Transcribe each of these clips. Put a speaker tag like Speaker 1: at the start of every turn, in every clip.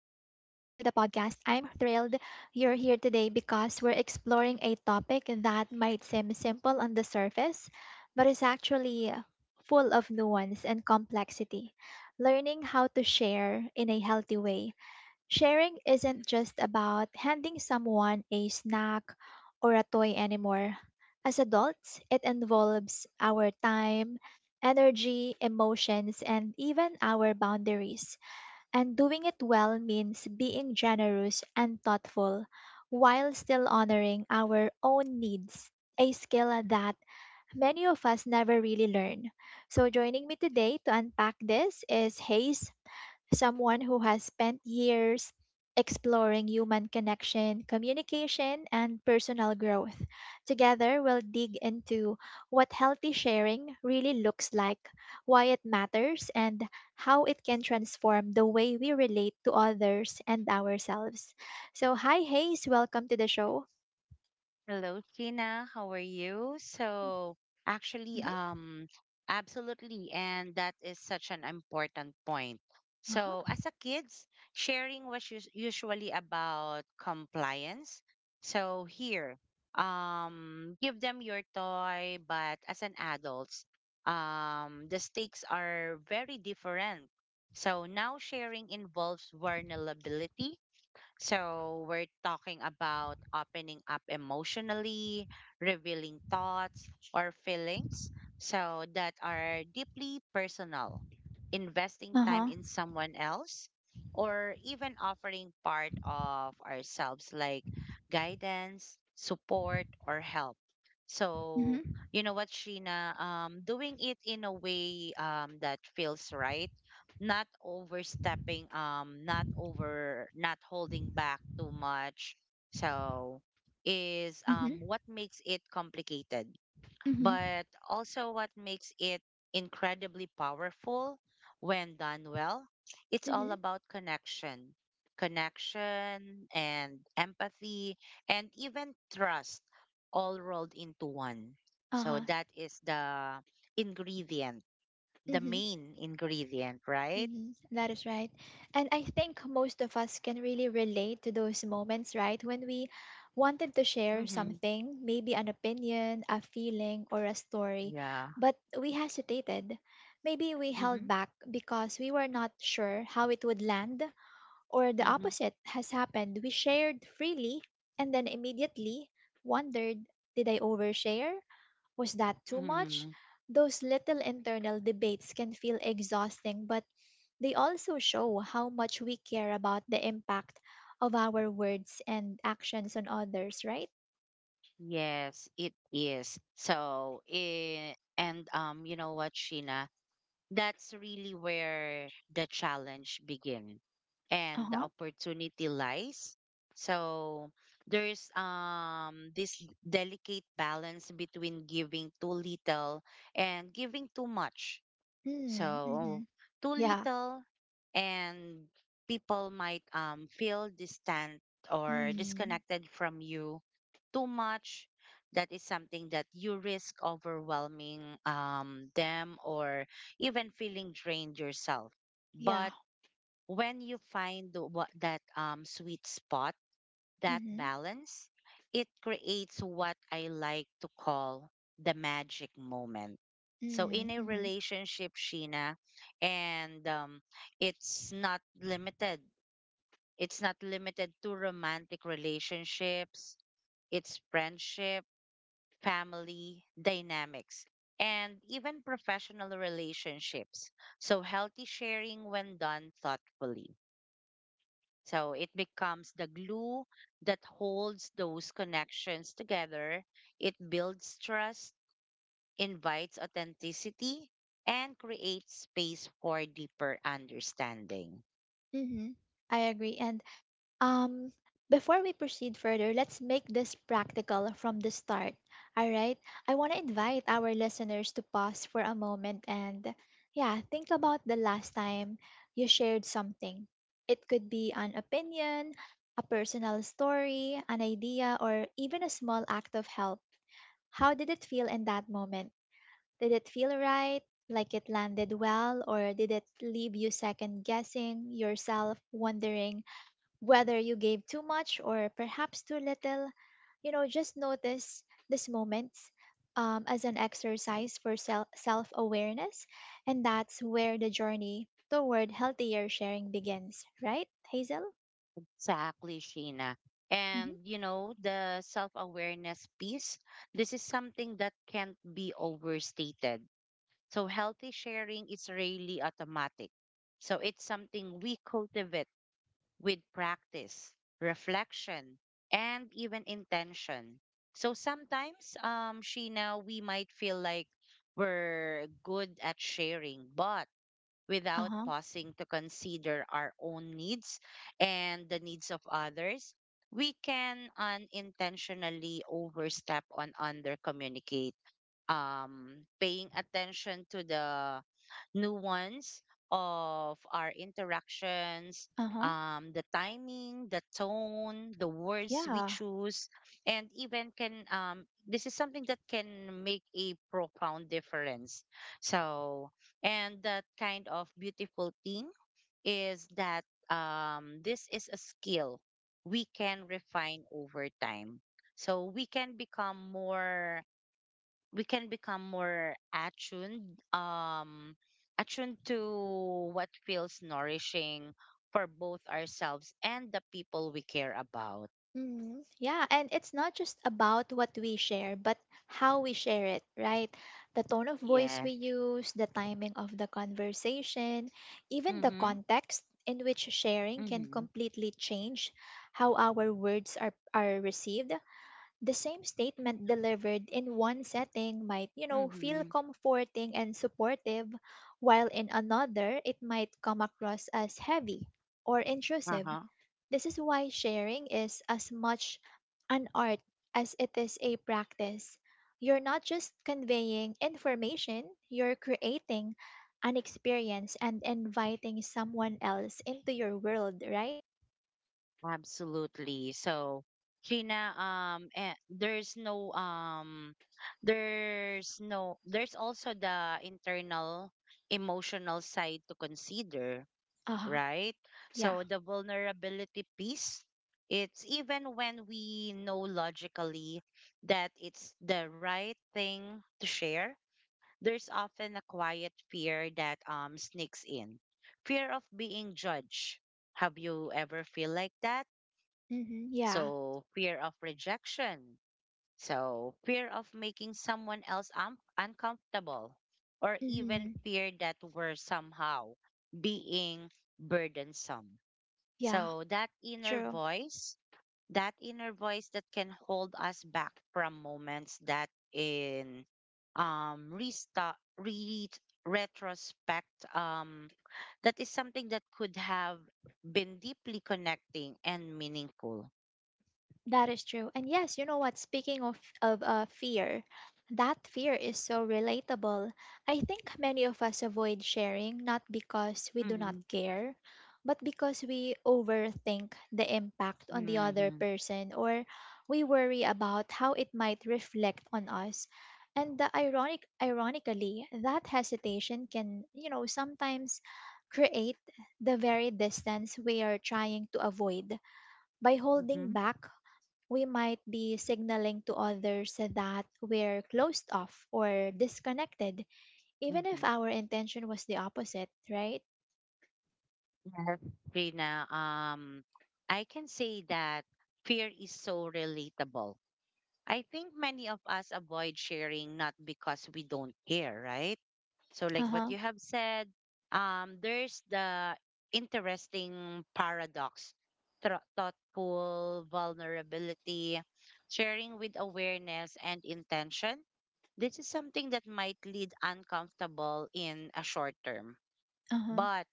Speaker 1: to the podcast. I'm thrilled you're here today because we're exploring a topic that might seem simple on the surface, but is actually full of nuance and complexity. Learning how to share in a healthy way. Sharing isn't just about handing someone a snack or a toy anymore. As adults, it involves our time, energy, emotions, and even our boundaries, and doing it well means being generous and thoughtful while still honoring our own needs, a skill that many of us never really learn. So, joining me today to unpack this is Hayes, someone who has spent years exploring human connection, communication, and personal growth. Together, we'll dig into what healthy sharing really looks like, why it matters, and how it can transform the way we relate to others and ourselves. So, hi, Hayes, welcome to the show.
Speaker 2: Hello, Tina. How are you? Actually,
Speaker 1: Mm-hmm.
Speaker 2: um, Absolutely, and that is such an important point. So,
Speaker 1: Uh-huh.
Speaker 2: as a kids, sharing was usually about compliance. So here, give them your toy, but as an adults, the stakes are very different. So now sharing involves vulnerability, so we're talking about opening up emotionally, revealing thoughts or feelings so that are deeply personal, investing time
Speaker 1: Uh-huh.
Speaker 2: in someone else, or even offering part of ourselves like guidance, support, or help. So,
Speaker 1: Mm-hmm.
Speaker 2: you know what, Sheena? Doing it in a way that feels right, not overstepping, not over not holding back too much, so is
Speaker 1: Mm-hmm.
Speaker 2: what makes it complicated,
Speaker 1: Mm-hmm.
Speaker 2: but also what makes it incredibly powerful when done well. It's all
Speaker 1: Mm-hmm.
Speaker 2: about connection, connection and empathy and even trust, all rolled into one. So
Speaker 1: Uh-huh.
Speaker 2: that is the ingredient, the
Speaker 1: Mm-hmm.
Speaker 2: main ingredient, right?
Speaker 1: Mhm. That is right. And I think most of us can really relate to those moments, right? When we wanted to share
Speaker 2: Mhm.
Speaker 1: something, maybe an opinion, a feeling, or a story,
Speaker 2: Yeah.
Speaker 1: but we hesitated. Maybe we held
Speaker 2: Mhm.
Speaker 1: back because we were not sure how it would land, or the
Speaker 2: Mhm.
Speaker 1: opposite has happened. We shared freely and then immediately wondered, did I overshare? Was that too much?
Speaker 2: Mhm.
Speaker 1: Those little internal debates can feel exhausting, but they also show how much we care about the impact of our words and actions on others, right?
Speaker 2: Yes, it is. So, it, and You know what, Sheena? That's really where the challenge begin
Speaker 1: Uh
Speaker 2: and the
Speaker 1: huh.
Speaker 2: opportunity lies. So, there's this delicate balance between giving too little and giving too much.
Speaker 1: Mm, mm-hmm.
Speaker 2: So too
Speaker 1: Yeah.
Speaker 2: little, and people might feel distant or
Speaker 1: Mm,
Speaker 2: disconnected from you. Too much, that is something that you risk overwhelming them or even feeling drained yourself.
Speaker 1: yeah.
Speaker 2: But when you find the- what that sweet spot, that
Speaker 1: Mm-hmm.
Speaker 2: balance, it creates what I like to call the magic moment. So in
Speaker 1: Mm,
Speaker 2: a
Speaker 1: mm-hmm.
Speaker 2: relationship, Sheena, and it's not limited. It's not limited to romantic relationships. It's friendship, family dynamics, and even professional relationships. So healthy sharing, when done thoughtfully, so it becomes the glue that holds those connections together. It builds trust, invites authenticity, and creates space for deeper understanding.
Speaker 1: Mm-hmm. I agree. And Um, before we proceed further, let's make this practical from the start. All right. I want to invite our listeners to pause for a moment and, yeah, think about the last time you shared something. It could be an opinion, a personal story, an idea, or even a small act of help. How did it feel in that moment? Did it feel right? Like it landed well? Or did it leave you second guessing yourself, wondering, whether you gave too much or perhaps too little, just notice these moments as an exercise for self awareness. And that's where the journey toward healthier sharing begins, right, Hazel?
Speaker 2: Exactly, Sheena.
Speaker 1: Mm-hmm.
Speaker 2: And you know, the self awareness piece, this is something that can't be overstated. So healthy sharing is really automatic. So it's something we cultivate with practice, reflection, and even intention. So sometimes, Sheena, we might feel like we're good at sharing, but
Speaker 1: Uh
Speaker 2: without
Speaker 1: huh.
Speaker 2: pausing to consider our own needs and the needs of others, we can unintentionally overstep on under communicate. Paying attention to the nuance of our interactions,
Speaker 1: Uh huh.
Speaker 2: the timing, the tone, the words we
Speaker 1: Yeah.
Speaker 2: choose, and even can this is something that can make a profound difference. So, and that kind of beautiful thing is that this is a skill we can refine over time. So we can become more, we can become more attuned, attuned to what feels nourishing for both ourselves and the people we care about.
Speaker 1: Mm, yeah, and it's not just about what we share, but how we share it, right? The tone of voice we
Speaker 2: Yes.
Speaker 1: use, the timing of the conversation, even the
Speaker 2: Mhm.
Speaker 1: context in which sharing can
Speaker 2: Mhm.
Speaker 1: completely change how our words are received. The same statement delivered in one setting might, feel
Speaker 2: Mhm.
Speaker 1: comforting and supportive, while in another, it might come across as heavy or intrusive.
Speaker 2: Uh-huh.
Speaker 1: This is why sharing is as much an art as it is a practice. You're not just conveying information, you're creating an experience and inviting someone else into your world, right?
Speaker 2: Absolutely, so Gina, and there's no there's no there's also the internal emotional side to consider,
Speaker 1: Uh huh.
Speaker 2: right?
Speaker 1: Yeah.
Speaker 2: So the vulnerability piece, it's even when we know logically that it's the right thing to share, there's often a quiet fear that sneaks in. Fear of being judged. Have you ever feel like that?
Speaker 1: Mm-hmm. Yeah.
Speaker 2: So fear of rejection. So fear of making someone else uncomfortable, or even
Speaker 1: Mm-hmm.
Speaker 2: fear that we're somehow being burdensome.
Speaker 1: Yeah.
Speaker 2: So that inner
Speaker 1: True.
Speaker 2: voice, that inner voice that can hold us back from moments that in restart re retrospect, that is something that could have been deeply connecting and meaningful.
Speaker 1: That is true. And yes, you know what? Speaking of fear, that fear is so relatable. I think many of us avoid sharing not because we do not
Speaker 2: Mm-hmm.
Speaker 1: care, but because we overthink the impact on the other
Speaker 2: Mm-hmm.
Speaker 1: person, or we worry about how it might reflect on us. And the ironically, that hesitation can, sometimes create the very distance we are trying to avoid. By holding
Speaker 2: Mm-hmm.
Speaker 1: back, we might be signaling to others that we're closed off or disconnected, even
Speaker 2: Mm-hmm.
Speaker 1: if our intention was the opposite, right?
Speaker 2: Yes. Rina, I can say that fear is so relatable. I think many of us avoid sharing not because we don't care, right? So,
Speaker 1: Uh
Speaker 2: like what
Speaker 1: huh.
Speaker 2: you have said, there's the interesting paradox, thoughtful vulnerability, sharing with awareness and intention. This is something that might lead uncomfortable in a short term,
Speaker 1: Uh huh.
Speaker 2: but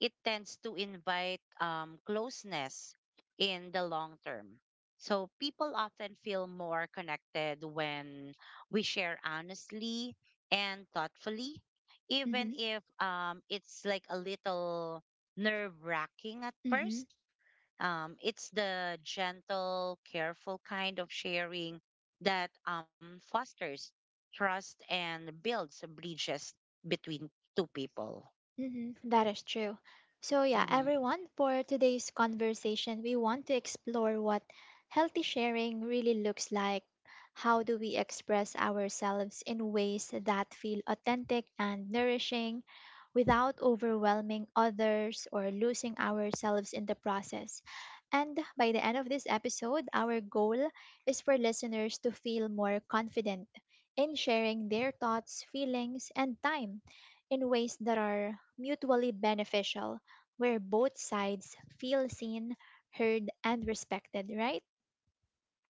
Speaker 2: it tends to invite closeness in the long term. So people often feel more connected when we share honestly and thoughtfully,
Speaker 1: Mm
Speaker 2: even
Speaker 1: hmm.
Speaker 2: if it's like a little nerve wracking at
Speaker 1: Mm hmm.
Speaker 2: first. It's the gentle, careful kind of sharing that fosters trust and builds bridges between two people.
Speaker 1: Mhm. That is true. So, yeah,
Speaker 2: Mm-hmm.
Speaker 1: everyone, for today's conversation, we want to explore what healthy sharing really looks like. How do we express ourselves in ways that feel authentic and nourishing without overwhelming others or losing ourselves in the process? And by the end of this episode, our goal is for listeners to feel more confident in sharing their thoughts, feelings, and time in ways that are mutually beneficial, where both sides feel seen, heard, and respected, right?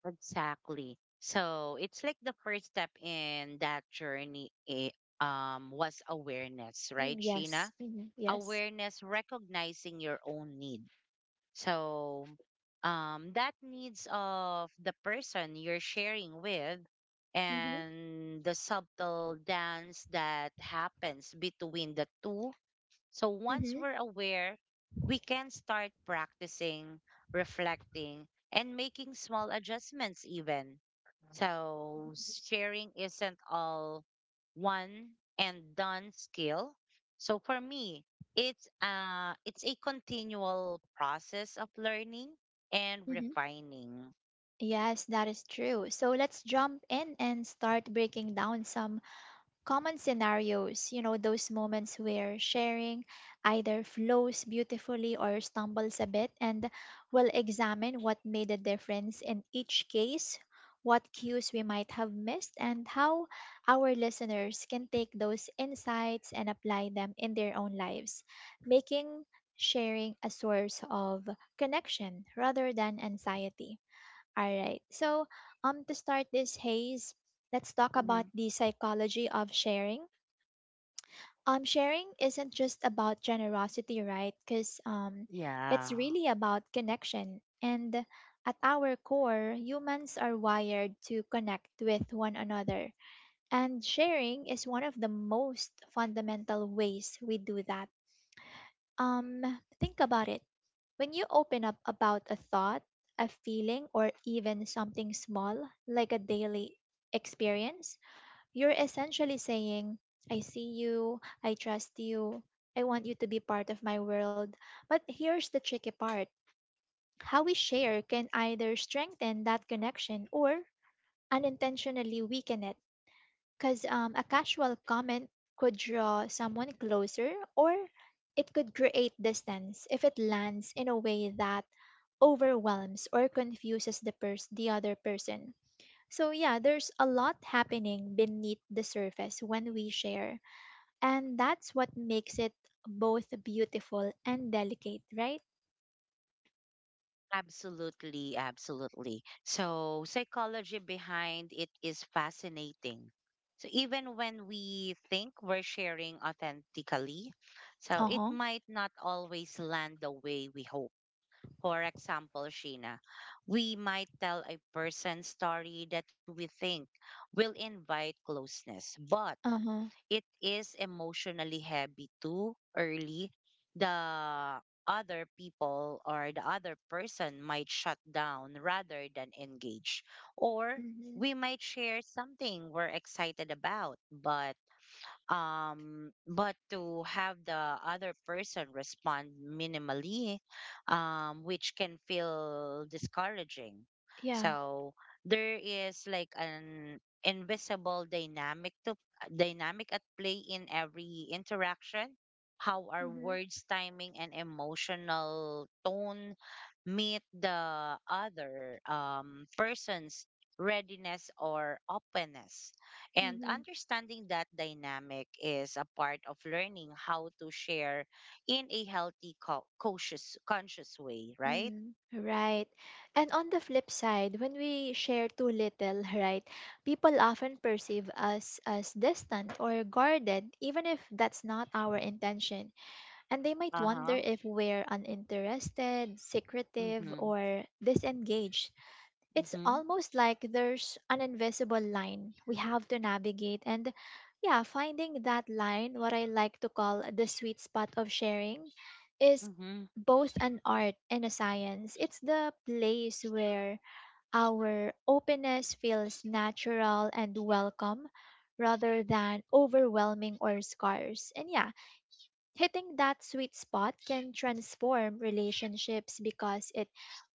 Speaker 2: Exactly. So it's like the first step in that journey, was awareness,
Speaker 1: Mm,
Speaker 2: right, Sheena?
Speaker 1: yes. Hmm, yes.
Speaker 2: Awareness, recognizing your own need. So that needs of the person you're sharing with,
Speaker 1: Hmm.
Speaker 2: and the subtle dance that happens between the two. So once
Speaker 1: Hmm.
Speaker 2: we're aware, we can start practicing, reflecting, and making small adjustments even. So sharing isn't all one and done skill. So for me, it's a continual process of learning and
Speaker 1: Hmm.
Speaker 2: refining.
Speaker 1: Yes, that is true. So let's jump in and start breaking down some common scenarios, those moments where sharing either flows beautifully or stumbles a bit, and we'll examine what made a difference in each case, what cues we might have missed, and how our listeners can take those insights and apply them in their own lives, making sharing a source of connection rather than anxiety. All right. So, to start this Haze, let's talk about
Speaker 2: Mhm.
Speaker 1: the psychology of sharing. Sharing isn't just about generosity, right? Because it's
Speaker 2: Yeah.
Speaker 1: really about connection. And at our core, humans are wired to connect with one another. And sharing is one of the most fundamental ways we do that. Um, think about it. When you open up about a thought, a feeling, or even something small, like a daily experience, you're essentially saying, I see you, I trust you, I want you to be part of my world. But here's the tricky part: how we share can either strengthen that connection or unintentionally weaken it, because a casual comment could draw someone closer, or it could create distance if it lands in a way that overwhelms or confuses the other person. So yeah, there's a lot happening beneath the surface when we share, and that's what makes it both beautiful and delicate, right?
Speaker 2: Absolutely, absolutely. So, psychology behind it is fascinating. So, even when we think we're sharing authentically, so it
Speaker 1: Uh-huh.
Speaker 2: might not always land the way we hope. For example, Sheena, we might tell a person story that we think will invite closeness, but
Speaker 1: Uh-huh.
Speaker 2: it is emotionally heavy too early, the other people or the other person might shut down rather than engage. Or
Speaker 1: Mm-hmm.
Speaker 2: we might share something we're excited about, but to have the other person respond minimally, which can feel discouraging.
Speaker 1: Yeah.
Speaker 2: So there is like an invisible dynamic at play in every interaction, how our
Speaker 1: Mm-hmm.
Speaker 2: words, timing and emotional tone meet the other person's readiness or openness. And understanding that dynamic is a part of learning how to share in a healthy, cautious, conscious way, right?
Speaker 1: Mm, right. And on the flip side, when we share too little, right, people often perceive us as distant or guarded, even if that's not our intention. And they might
Speaker 2: Uh
Speaker 1: wonder
Speaker 2: huh.
Speaker 1: if we're uninterested, secretive,
Speaker 2: Mm-hmm.
Speaker 1: or disengaged. It's
Speaker 2: Mm-hmm.
Speaker 1: almost like there's an invisible line we have to navigate, and yeah, finding that line, what I like to call the sweet spot of sharing, is
Speaker 2: Mm-hmm.
Speaker 1: both an art and a science. It's the place where our openness feels natural and welcome rather than overwhelming or scarce. And yeah, hitting that sweet spot can transform relationships because it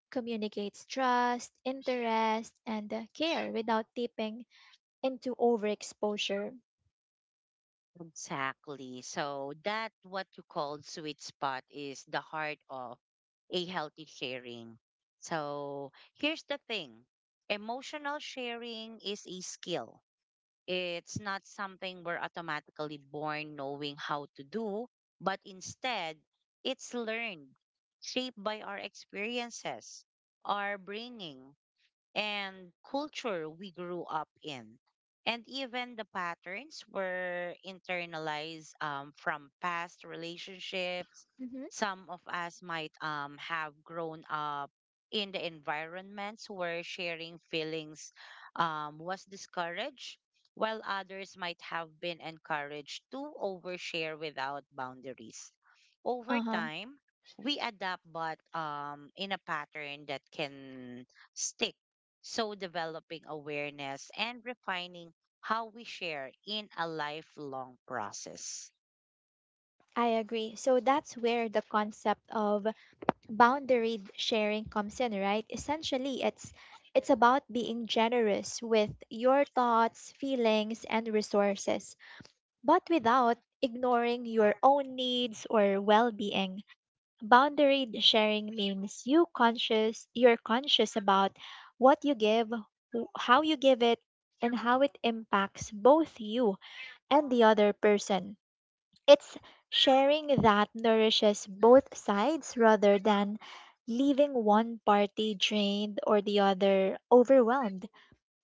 Speaker 1: communicates trust, interest, and care without tipping into overexposure.
Speaker 2: Exactly. So that what you call sweet spot is the heart of a healthy sharing. So here's the thing. Emotional sharing is a skill. It's not something we're automatically born knowing how to do, but instead, it's learned, shaped by our experiences, our bringing, and culture we grew up in. And even the patterns were internalized from past relationships.
Speaker 1: Mhm.
Speaker 2: Some of us might have grown up in the environments where sharing feelings was discouraged, while others might have been encouraged to overshare without boundaries. Over
Speaker 1: Uh-huh.
Speaker 2: time, we adapt, but in a pattern that can stick. So developing awareness and refining how we share in a lifelong process.
Speaker 1: I agree. So that's where the concept of boundary sharing comes in, right? Essentially, it's about being generous with your thoughts, feelings, and resources, but without ignoring your own needs or well-being. Boundary sharing means you're conscious about what you give, how you give it, and how it impacts both you and the other person. It's sharing that nourishes both sides rather than leaving one party drained or the other overwhelmed.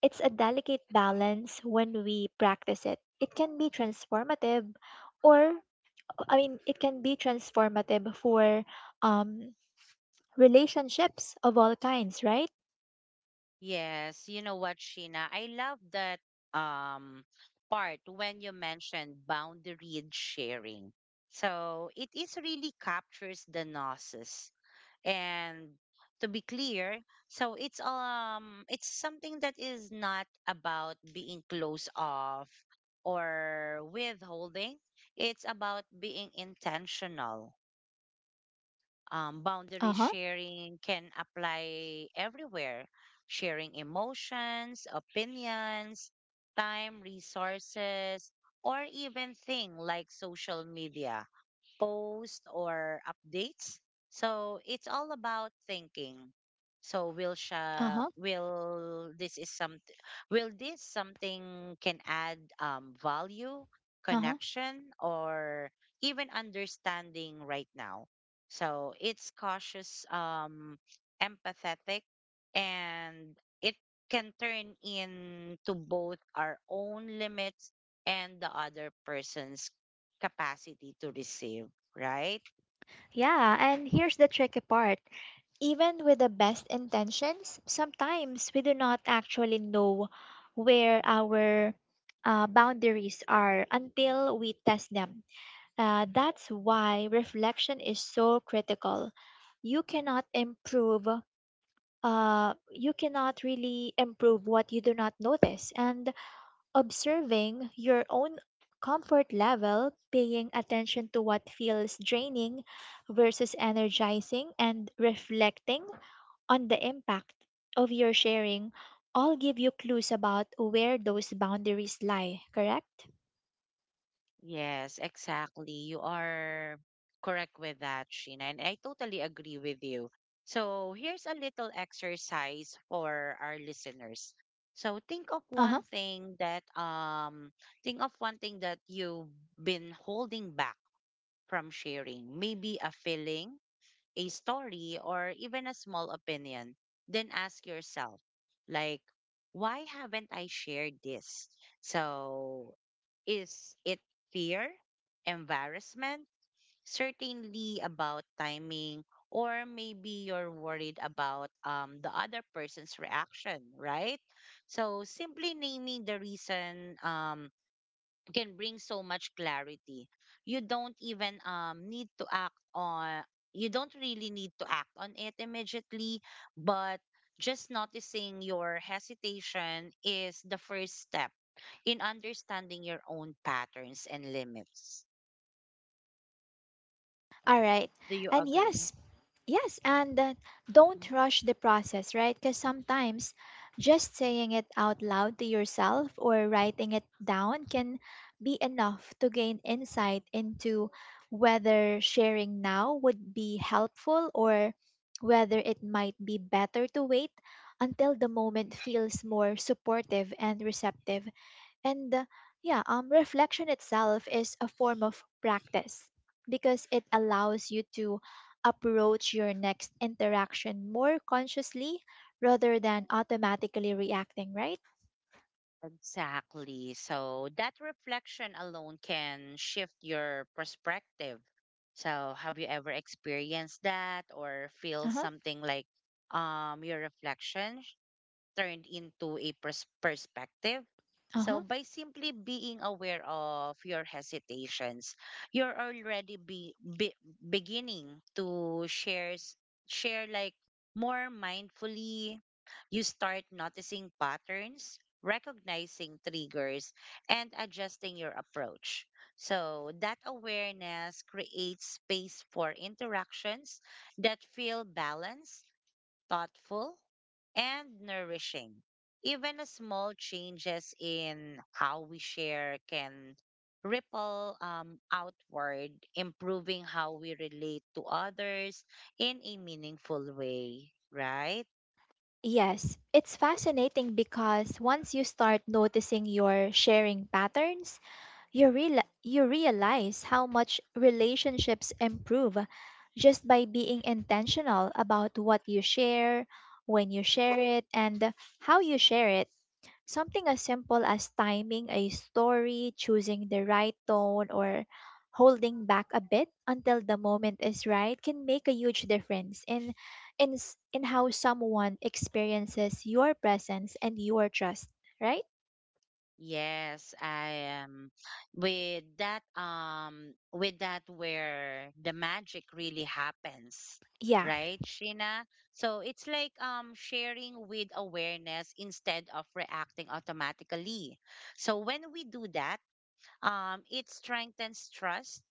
Speaker 1: It's a delicate balance. When we practice it, it can be transformative. Or I mean, it can be transformative for um relationships of all kinds, right?
Speaker 2: Yes, you know what, Sheena? I love that um, part when you mentioned boundaried sharing. So it is really captures the gnosis, and to be clear, so it's something that is not about being close off or withholding, it's about being intentional.
Speaker 1: Uh
Speaker 2: Boundary
Speaker 1: huh,
Speaker 2: sharing can apply everywhere: sharing emotions, opinions, time, resources, or even thing like social media posts or updates. So it's all about thinking. So will
Speaker 1: uh
Speaker 2: sha
Speaker 1: huh,
Speaker 2: will this is something, will this something can add value,
Speaker 1: uh huh.
Speaker 2: connection, or even understanding right now. So it's cautious, empathetic, and it can turn into both our own limits and the other person's capacity to receive, right?
Speaker 1: Yeah, and here's the tricky part. Even with the best intentions, sometimes we do not actually know where our boundaries are until we test them. That's why reflection is so critical. You cannot improve. You cannot really improve what you do not notice, and observing your own comfort level, paying attention to what feels draining versus energizing, and reflecting on the impact of your sharing all give you clues about where those boundaries lie, correct?
Speaker 2: Yes, exactly. You are correct with that, Sheena, and I totally agree with you. So here's a little exercise for our listeners. So
Speaker 1: Uh huh.
Speaker 2: think of one thing that you've been holding back from sharing. Maybe a feeling, a story, or even a small opinion, then ask yourself, like, why haven't I shared this? So, is it fear, embarrassment, certainly about timing, or maybe you're worried about the other person's reaction, right? So, simply naming the reason, can bring so much clarity. You don't even um need to act on you don't really need to act on it immediately, but just noticing your hesitation is the first step in understanding your own patterns and limits.
Speaker 1: All right.
Speaker 2: Do you
Speaker 1: And
Speaker 2: agree?
Speaker 1: yes, yes, and don't
Speaker 2: Mm-hmm.
Speaker 1: rush the process, right? Because sometimes just saying it out loud to yourself or writing it down can be enough to gain insight into whether sharing now would be helpful, or whether it might be better to wait until the moment feels more supportive and receptive. And yeah, reflection itself is a form of practice because it allows you to approach your next interaction more consciously rather than automatically reacting, right?
Speaker 2: Exactly. So that reflection alone can shift your perspective. So have you ever experienced that or
Speaker 1: Uh
Speaker 2: feel
Speaker 1: huh.
Speaker 2: something like your turned into a perspective?
Speaker 1: Uh
Speaker 2: So
Speaker 1: huh.
Speaker 2: by simply being aware of your hesitations, you're already be beginning to share like more mindfully. You start noticing patterns, recognizing triggers, and adjusting your approach. So that awareness creates space for interactions that feel balanced, thoughtful, and nourishing. Even a small changes in how we share can ripple outward, improving how we relate to others in a meaningful way, right?
Speaker 1: Yes, it's fascinating because once you start noticing your sharing patterns, you realize how much relationships improve just by being intentional about what you share, when you share it, and how you share it. Something as simple as timing a story, choosing the right tone, or holding back a bit until the moment is right can make a huge difference in how someone experiences your presence and your trust, right?
Speaker 2: Yes, I am. With that, where the magic really happens,
Speaker 1: Yeah.
Speaker 2: right, Sheena? So it's like sharing with awareness instead of reacting automatically. So when we do that, it strengthens trust,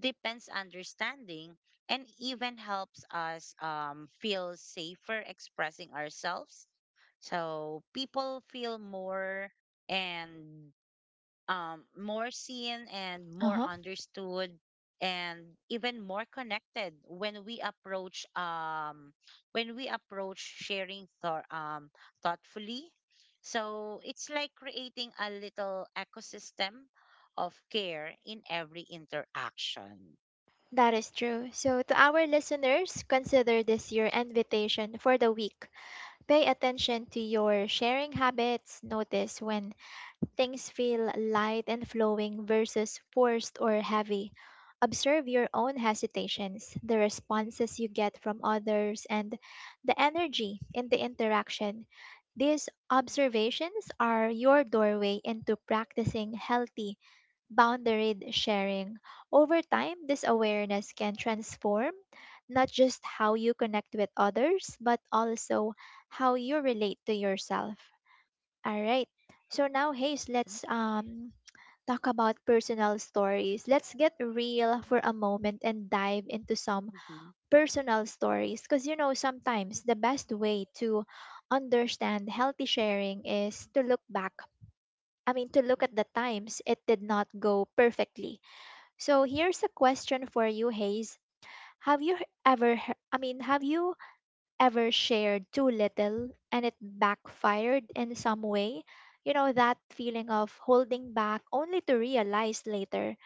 Speaker 2: deepens understanding, and even helps us feel safer expressing ourselves. So people feel more and more seen and
Speaker 1: Uh
Speaker 2: more
Speaker 1: huh.
Speaker 2: understood, and even more connected when we approach sharing thoughtfully. So it's like creating a little ecosystem of care in every interaction.
Speaker 1: That is true. So, to our listeners, consider this your invitation for the week. Pay attention to your sharing habits. Notice when things feel light and flowing versus forced or heavy. Observe your own hesitations, the responses you get from others, and the energy in the interaction. These observations are your doorway into practicing healthy boundary sharing. Over time, this awareness can transform not just how you connect with others, but also how you relate to yourself. All right. So now, Hayes, let's talk about personal stories. Let's get real for a moment and dive into some
Speaker 2: Mm-hmm.
Speaker 1: personal stories, because sometimes the best way to understand healthy sharing is to look back. I mean, to look at the times it did not go perfectly. So here's a question for you, Hayes. Have you h- ever, he- I mean, have you ever shared too little and it backfired in some way? You know, that feeling of holding back only to realize later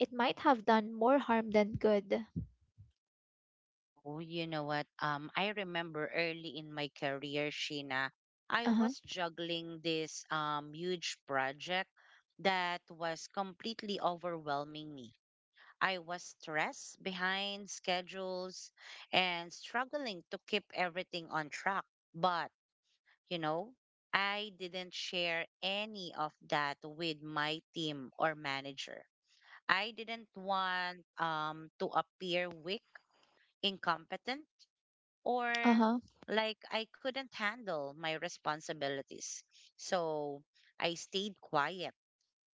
Speaker 1: it might have done more harm than good.
Speaker 2: Oh, you know what? I remember early in my career, Sheena, I
Speaker 1: Uh huh,
Speaker 2: was juggling this huge project that was completely overwhelming me. I was stressed, behind schedules, and struggling to keep everything on track. But, you know, I didn't share any of that with my team or manager. I didn't want to appear weak, incompetent,
Speaker 1: uh
Speaker 2: or
Speaker 1: huh,
Speaker 2: like I couldn't handle my responsibilities. So I stayed quiet,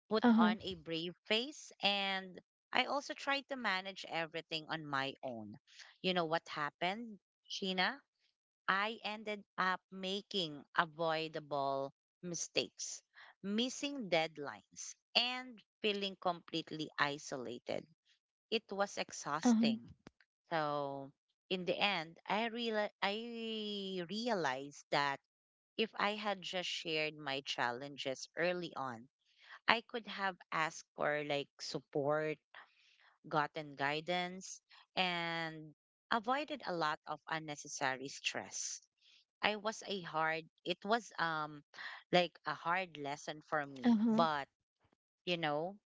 Speaker 2: put
Speaker 1: uh huh,
Speaker 2: on a brave face, and I also tried to manage everything on my own. You know what happened, Sheena? I ended up making avoidable mistakes, missing deadlines, and feeling completely isolated. It was
Speaker 1: uh huh,
Speaker 2: exhausting, so in the end, I realized that if I had just shared my challenges early on, I could have asked for like support, gotten guidance, and avoided a lot of unnecessary stress. I was a hard it was like a hard lesson for
Speaker 1: uh
Speaker 2: me,
Speaker 1: huh.
Speaker 2: but you know,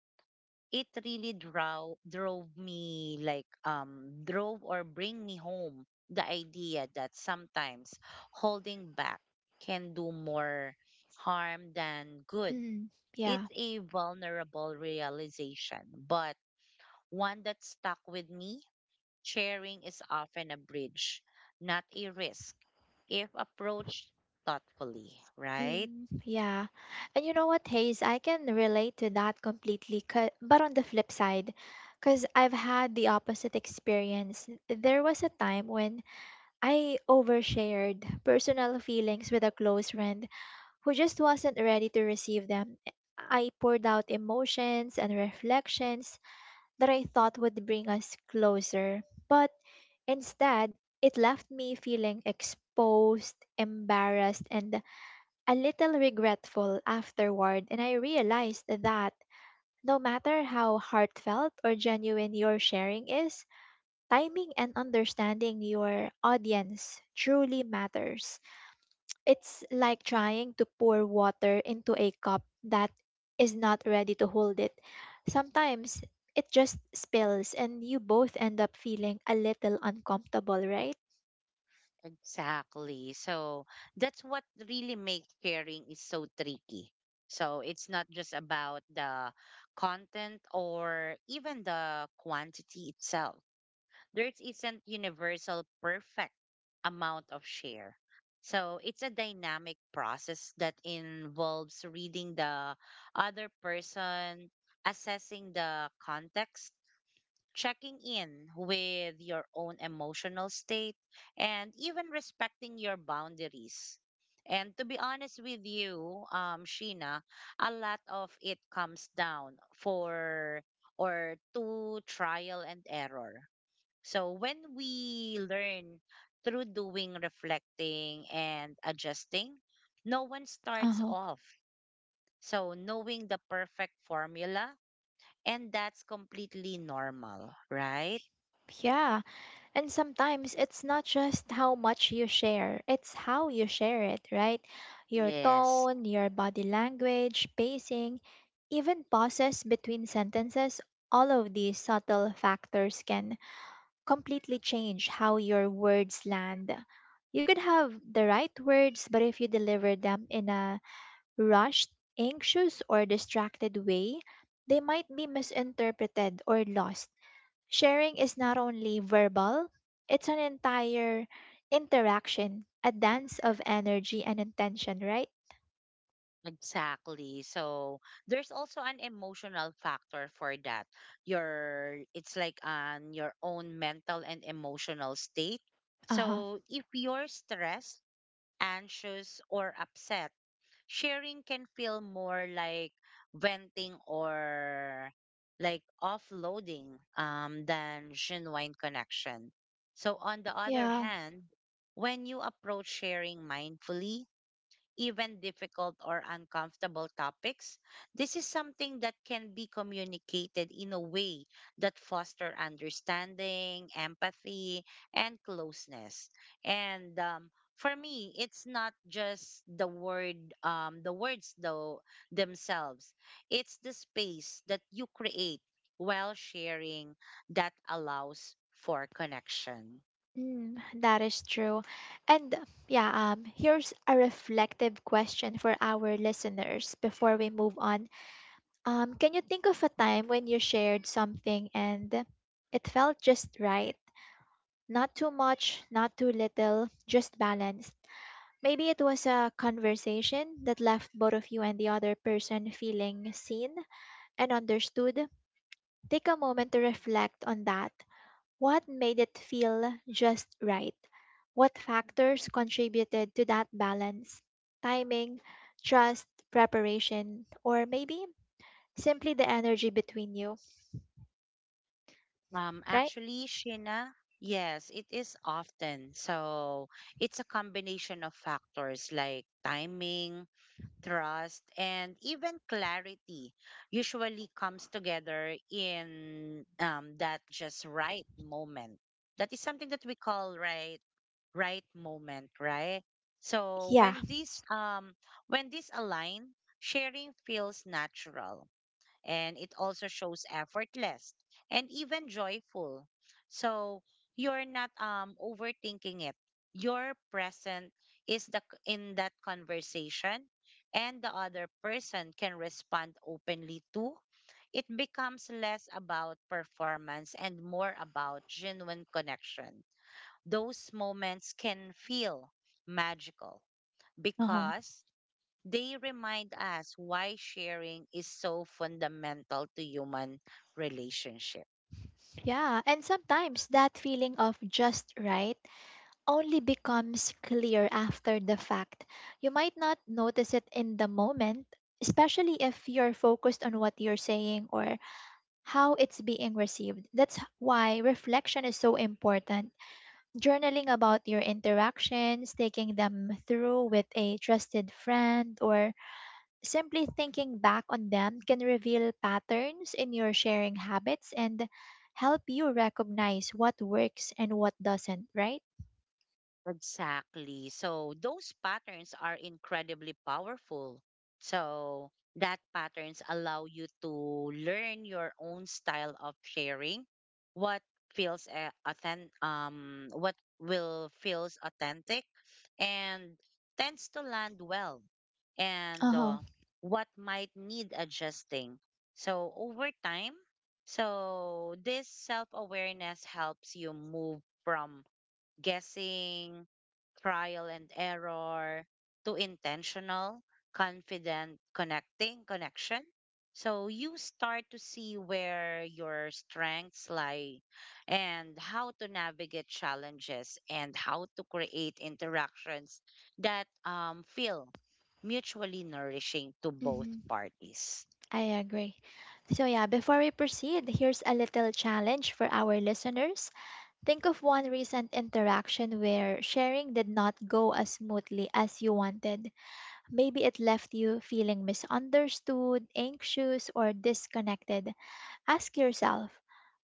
Speaker 2: it really draw drove me like drove or bring me home the idea that sometimes holding back can do more harm than good.
Speaker 1: Mm, yeah.
Speaker 2: It's a vulnerable realization but one that stuck with me. Sharing is often a bridge, not a risk, if approached thoughtfully, right?
Speaker 1: Mm, yeah. And you know what, Hayes? I can relate to that completely. But on the flip side, because I've had the opposite experience. There was a time when I overshared personal feelings with a close friend who just wasn't ready to receive them. I poured out emotions and reflections that I thought would bring us closer. But instead, it left me feeling exposed, embarrassed, and a little regretful afterward, and I realized that no matter how heartfelt or genuine your sharing is, timing and understanding your audience truly matters. It's like trying to pour water into a cup that is not ready to hold it. Sometimes it just spills, and you both end up feeling a little uncomfortable, right?
Speaker 2: Exactly. That's what really makes sharing is so tricky. So it's not just about the content or even the quantity itself. There isn't universal perfect amount of share. So it's a dynamic process that involves reading the other person, assessing the context, checking in with your own emotional state, and even respecting your boundaries. And to be honest with you, Sheena, a lot of it comes down for or to trial and error. So when we learn through doing, reflecting, and adjusting, no one starts
Speaker 1: Uh-huh.
Speaker 2: off so knowing the perfect formula, and that's completely normal, right?
Speaker 1: Yeah. And sometimes it's not just how much you share, it's how you share it, right? Your
Speaker 2: Yes,
Speaker 1: tone, your body language, pacing, even pauses between sentences, all of these subtle factors can completely change how your words land. You could have the right words, but if you deliver them in a rushed, anxious, or distracted way, they might be misinterpreted or lost. Sharing is not only verbal, it's an entire interaction, a dance of energy and intention, right?
Speaker 2: exactly. So there's also an emotional factor for that. Your It's like on your own mental and emotional state.
Speaker 1: Uh huh.
Speaker 2: So if you're stressed, anxious, or upset, sharing can feel more like venting or like offloading, than genuine connection. So on the other
Speaker 1: Yeah,
Speaker 2: hand, when you approach sharing mindfully, even difficult or uncomfortable topics, this is something that can be communicated in a way that foster understanding, empathy, and closeness. And for me, it's not just the words though themselves. It's the space that you create while sharing that allows for connection.
Speaker 1: mm, that is true. And yeah, here's a reflective question for our listeners before we move on. Can you think of a time when you shared something and it felt just right? Not too much, not too little, just balance. Maybe it was a conversation that left both of you and the other person feeling seen and understood. Take a moment to reflect on that. What made it feel just right? What factors contributed to that balance? Timing, trust, preparation, or maybe simply the energy between you, right?
Speaker 2: Actually, Sheena, yes, it is often. So it's a combination of factors like timing, trust, and even clarity usually comes together in, that just right moment. That is something that we call right moment, right? So
Speaker 1: Yeah.
Speaker 2: when this um when this align, sharing feels natural and it also shows effortless and even joyful. So you're not overthinking it. You're present is the in that conversation and the other person can respond openly too. It becomes less about performance and more about genuine connection. Those moments can feel magical
Speaker 1: Uh-huh.
Speaker 2: because they remind us why sharing is so fundamental to human relationships.
Speaker 1: Yeah. And sometimes that feeling of just right only becomes clear after the fact. You might not notice it in the moment, especially if you're focused on what you're saying or how it's being received. That's why reflection is so important. Journaling about your interactions, taking them through with a trusted friend, or simply thinking back on them can reveal patterns in your sharing habits and help you recognize what works and what doesn't, right?
Speaker 2: Exactly. So those patterns are incredibly powerful. So that patterns allow you to learn your own style of sharing, what feels authentic, and tends to land well, and
Speaker 1: Uh
Speaker 2: what might need adjusting. So over time, this self awareness helps you move from guessing, trial and error, to intentional, confident, connection. So you start to see where your strengths lie and how to navigate challenges and how to create interactions that feel mutually nourishing to
Speaker 1: huh.
Speaker 2: both parties.
Speaker 1: I agree. So, yeah, before we proceed, here's a little challenge for our listeners. Think of one recent interaction where sharing did not go as smoothly as you wanted. Maybe it left you feeling misunderstood, anxious, or disconnected. Ask yourself,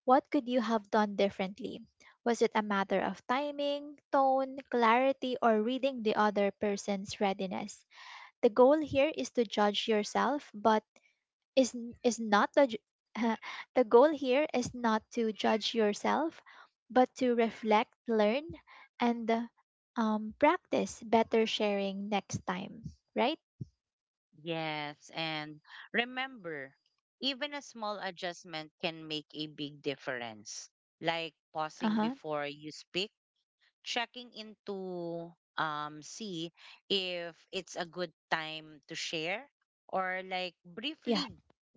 Speaker 1: what could you have done differently? Was it a matter of timing, tone, clarity, or reading the other person's readiness? The goal here is to judge yourself, but is n- is not the ju- The goal here is not to judge yourself but to reflect, learn, and practice better sharing next time, right?
Speaker 2: Yes, and remember, even a small adjustment can make a big difference, like pausing
Speaker 1: Uh-huh.
Speaker 2: before you speak, checking into see if it's a good time to share, or like
Speaker 1: Yeah.
Speaker 2: briefly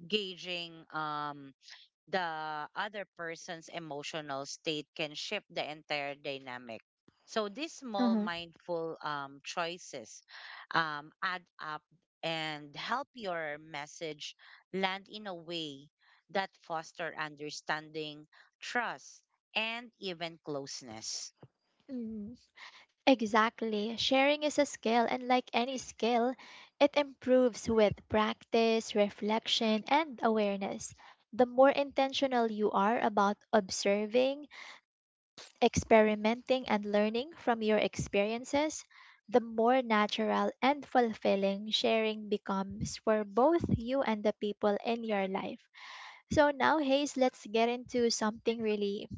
Speaker 2: gauging the other person's emotional state can shift the entire dynamic. So these small
Speaker 1: Uh-huh.
Speaker 2: mindful, choices, add up and help your message land in a way that foster understanding, trust, and even closeness.
Speaker 1: Mm, exactly, sharing is a skill, and like any skill it improves with practice, reflection, and awareness. The more intentional you are about observing, experimenting, and learning from your experiences, the more natural and fulfilling sharing becomes for both you and the people in your life. So now, Hayes, let's get into something really,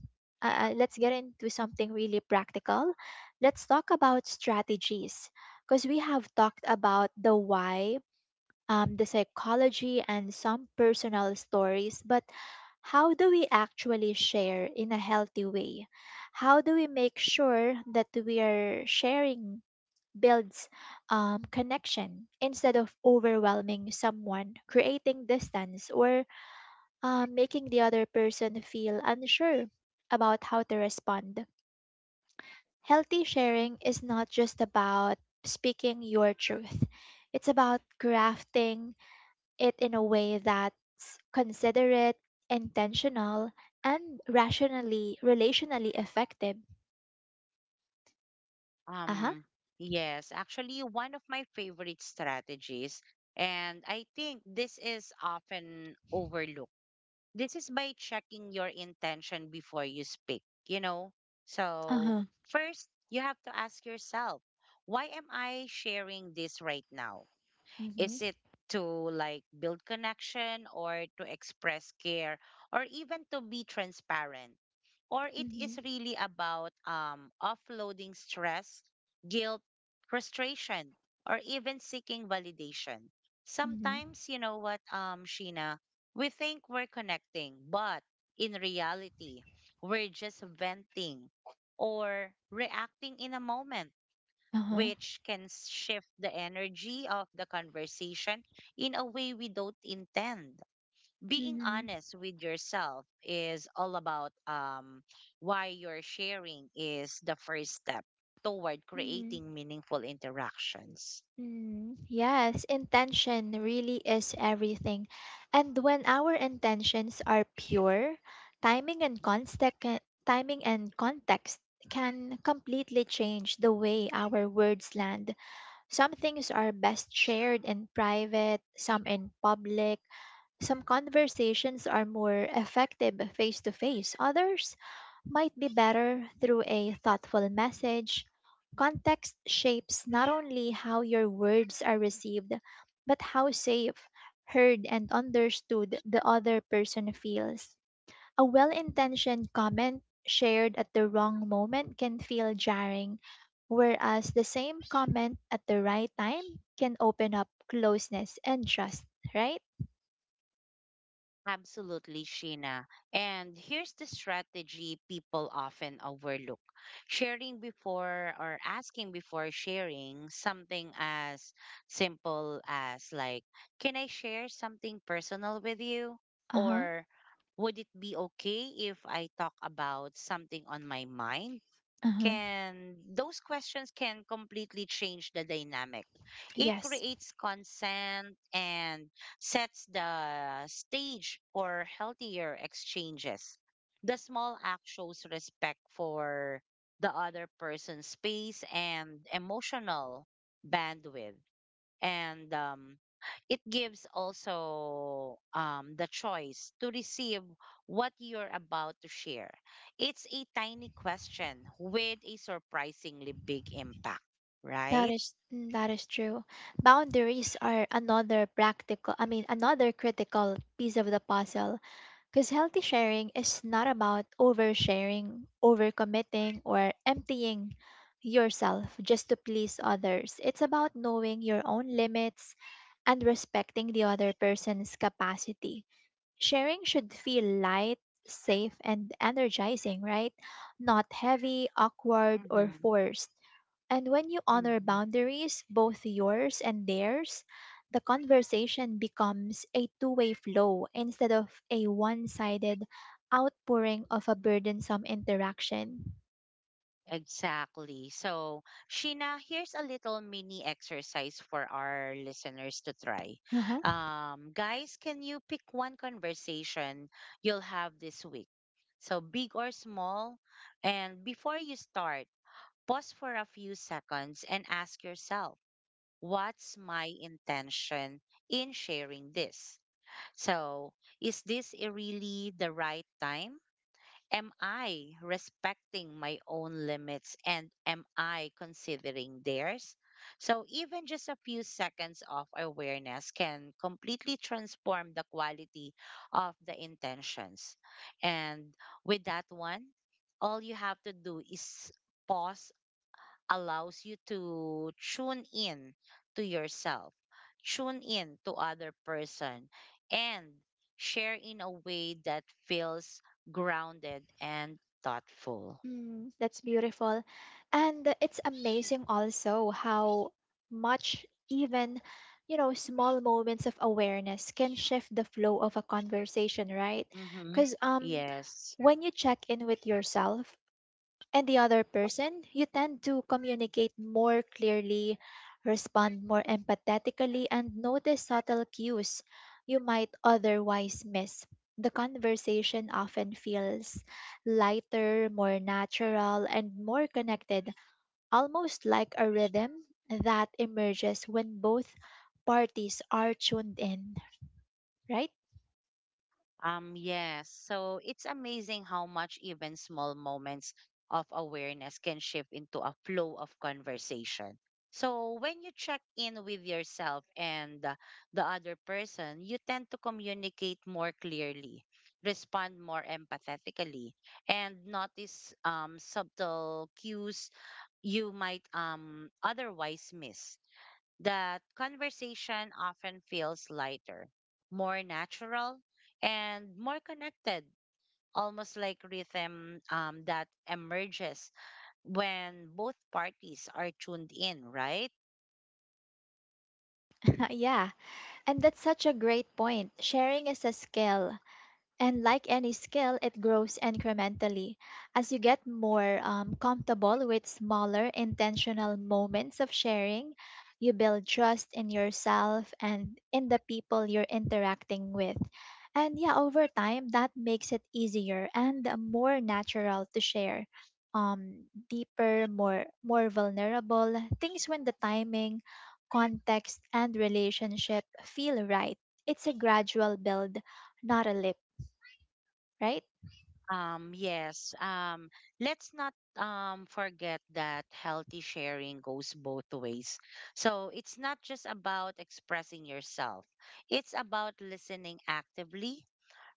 Speaker 1: uh, uh, let's get into something really practical. Let's talk about strategies because we have talked about the why, the psychology, and some personal stories, but how do we actually share in a healthy way? How do we make sure that we are sharing builds connection instead of overwhelming someone, creating distance, or making the other person feel unsure about how to respond? Healthy sharing is not just about speaking your truth. It's about crafting it in a way that's considerate, intentional, and relationally effective. Uh huh.
Speaker 2: Um, yes, actually, one of my favorite strategies, and I think this is often overlooked, this is by checking your intention before you speak, you know? So
Speaker 1: Uh-huh.
Speaker 2: first, you have to ask yourself, why am I sharing this right now?
Speaker 1: Mm-hmm.
Speaker 2: Is it to like build connection or to express care or even to be transparent? Or it
Speaker 1: Mm-hmm.
Speaker 2: is really about, offloading stress, guilt, frustration, or even seeking validation.
Speaker 1: Mm-hmm.
Speaker 2: Sometimes, you know what, Sheena, we think we're connecting, but in reality, we're just venting or reacting in a moment
Speaker 1: Uh-huh.
Speaker 2: which can shift the energy of the conversation in a way we don't intend. Being
Speaker 1: Mm-hmm.
Speaker 2: honest with yourself is all about, why you're sharing is the first step toward
Speaker 1: Hmm,
Speaker 2: creating meaningful interactions.
Speaker 1: hmm, yes, intention really is everything. And when our intentions are pure, timing and context timing and context can completely change the way our words land. Some things are best shared in private, some in public. Some conversations are more effective face to face, others might be better through a thoughtful message. Context shapes not only how your words are received, but how safe, heard, and understood the other person feels. A well intentioned comment shared at the wrong moment can feel jarring, whereas the same comment at the right time can open up closeness and trust, right?
Speaker 2: Absolutely, Sheena. And here's the strategy people often overlook: sharing before or asking before sharing something as simple as, like, can I share something personal with you?
Speaker 1: Uh huh.
Speaker 2: Or would it be okay if I talk about something on my mind?
Speaker 1: Uh huh.
Speaker 2: Can Those questions can completely change the dynamic. It
Speaker 1: Yes,
Speaker 2: creates consent and sets the stage for healthier exchanges. The small act shows respect for the other person's space and emotional bandwidth, and it gives also, the choice to receive what you're about to share. It's a tiny question with a surprisingly big impact,
Speaker 1: that
Speaker 2: right?
Speaker 1: is mm, that is true. Boundaries are another practical, I mean, another critical piece of the puzzle. Because healthy sharing is not about oversharing, overcommitting, or emptying yourself just to please others. It's about knowing your own limits and respecting the other person's capacity. Sharing should feel light, safe, and energizing, right? Not heavy, awkward, or
Speaker 2: Mm-hmm.
Speaker 1: forced. And when you honor boundaries, both yours and theirs, the conversation becomes a two-way flow instead of a one sided outpouring of a burdensome interaction.
Speaker 2: Exactly. So, Sheena, here's a little mini exercise for our listeners to try.
Speaker 1: Uh-huh.
Speaker 2: Guys, can you pick one conversation you'll have this week? So, big or small. And before you start, pause for a few seconds and ask yourself, what's my intention in sharing this? So, really the right time? Am I respecting my own limits and am I considering theirs? So, even just a few seconds of awareness can completely transform the quality of the intentions. And with that one, all you have to do is pause. Allows you to tune in to yourself, tune in to other person, and share in a way that feels grounded and thoughtful.
Speaker 1: Mm, that's beautiful. And it's amazing also how much even, you know, small moments of awareness can shift the flow of a conversation, right?
Speaker 2: Mm-hmm.
Speaker 1: Because
Speaker 2: Yes.
Speaker 1: when you check in with yourself and the other person, you tend to communicate more clearly, respond more empathetically, and notice subtle cues you might otherwise miss. The conversation often feels lighter, more natural, and more connected, almost like a rhythm that emerges when both parties are tuned in, right?
Speaker 2: Yes. So it's amazing how much even small moments of awareness can shift into a flow of conversation. So when you check in with yourself and, the other person, you tend to communicate more clearly, respond more empathetically, and notice, subtle cues you might, otherwise miss. That conversation often feels lighter, more natural, and more connected, almost like rhythm, that emerges when both parties are tuned in, right?
Speaker 1: Yeah. And that's such a great point. Sharing is a skill, and like any skill, it grows incrementally. As you get more comfortable with smaller, intentional moments of sharing, you build trust in yourself and in the people you're interacting with. And yeah, over time, that makes it easier and more natural to share deeper, more vulnerable things when the timing, context, and relationship feel right. It's a gradual build, not a leap, right?
Speaker 2: Yes. Let's not, forget that healthy sharing goes both ways. So it's not just about expressing yourself, it's about listening actively,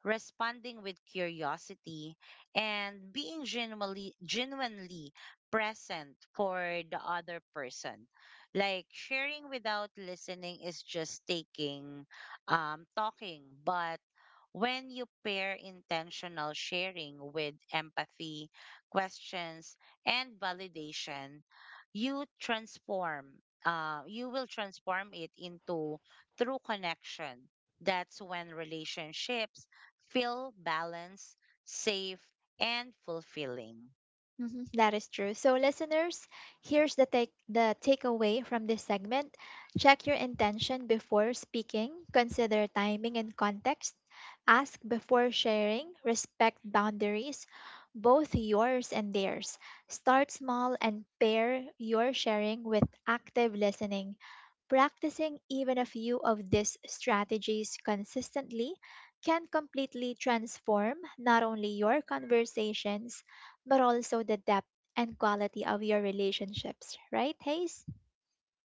Speaker 2: responding with curiosity, and being genuinely present for the other person. Like sharing without listening is just talking, but when you pair intentional sharing with empathy, questions, and validation, you transform you will transform it into true connection. That's when relationships feel balanced, safe, and fulfilling.
Speaker 1: Mhm, that is true. So, listeners, here's the takeaway from this segment: check your intention before speaking, consider timing and context, ask before sharing, respect boundaries, both yours and theirs. Start small and pair your sharing with active listening. Practicing even a few of these strategies consistently can completely transform not only your conversations but also the depth and quality of your relationships, right, Hayes?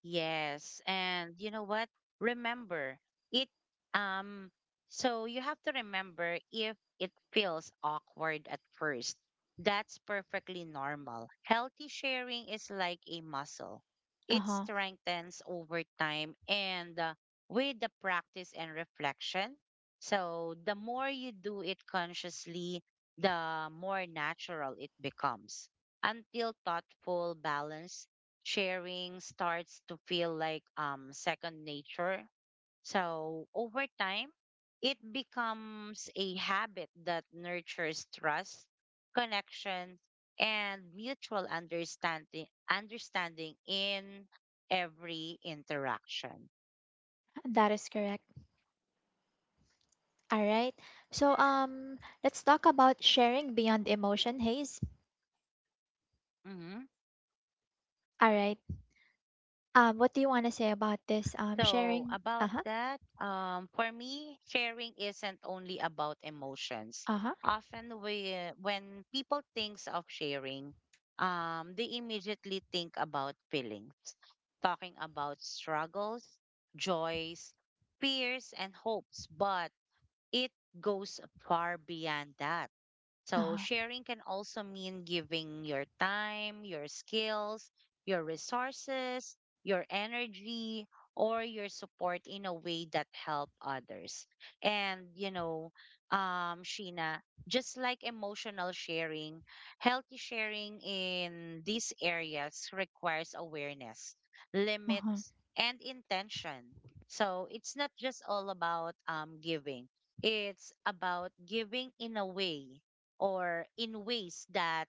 Speaker 2: Yes, and you know what? Remember it. Um, so you have to remember if it feels awkward at first, that's perfectly normal. Healthy sharing is like a muscle,
Speaker 1: Uh
Speaker 2: it
Speaker 1: huh.
Speaker 2: strengthens over time and, with the practice and reflection. So the more you do it consciously, the more natural it becomes. Until thoughtful balance sharing starts to feel like second nature. So over time, it becomes a habit that nurtures trust, connection, and mutual understanding in every interaction.
Speaker 1: That is correct. All right. So let's talk about sharing beyond emotion, Hayes.
Speaker 2: Mm-hmm.
Speaker 1: All right. What do you want to say about this?
Speaker 2: So,
Speaker 1: Sharing. Uh
Speaker 2: about
Speaker 1: huh.
Speaker 2: that, for me, sharing isn't only about emotions.
Speaker 1: Uh huh.
Speaker 2: Often, when people thinks of sharing, they immediately think about feelings, talking about struggles, joys, fears, and hopes. But it goes far beyond that.
Speaker 1: Uh
Speaker 2: So
Speaker 1: huh.
Speaker 2: sharing can also mean giving your time, your skills, your resources, your energy, or your support in a way that help others. And you know, Sheena, just like emotional sharing, healthy sharing in these areas requires awareness,
Speaker 1: Uh huh.
Speaker 2: limits, and intention. So it's not just all about, giving. It's about giving in a way or in ways that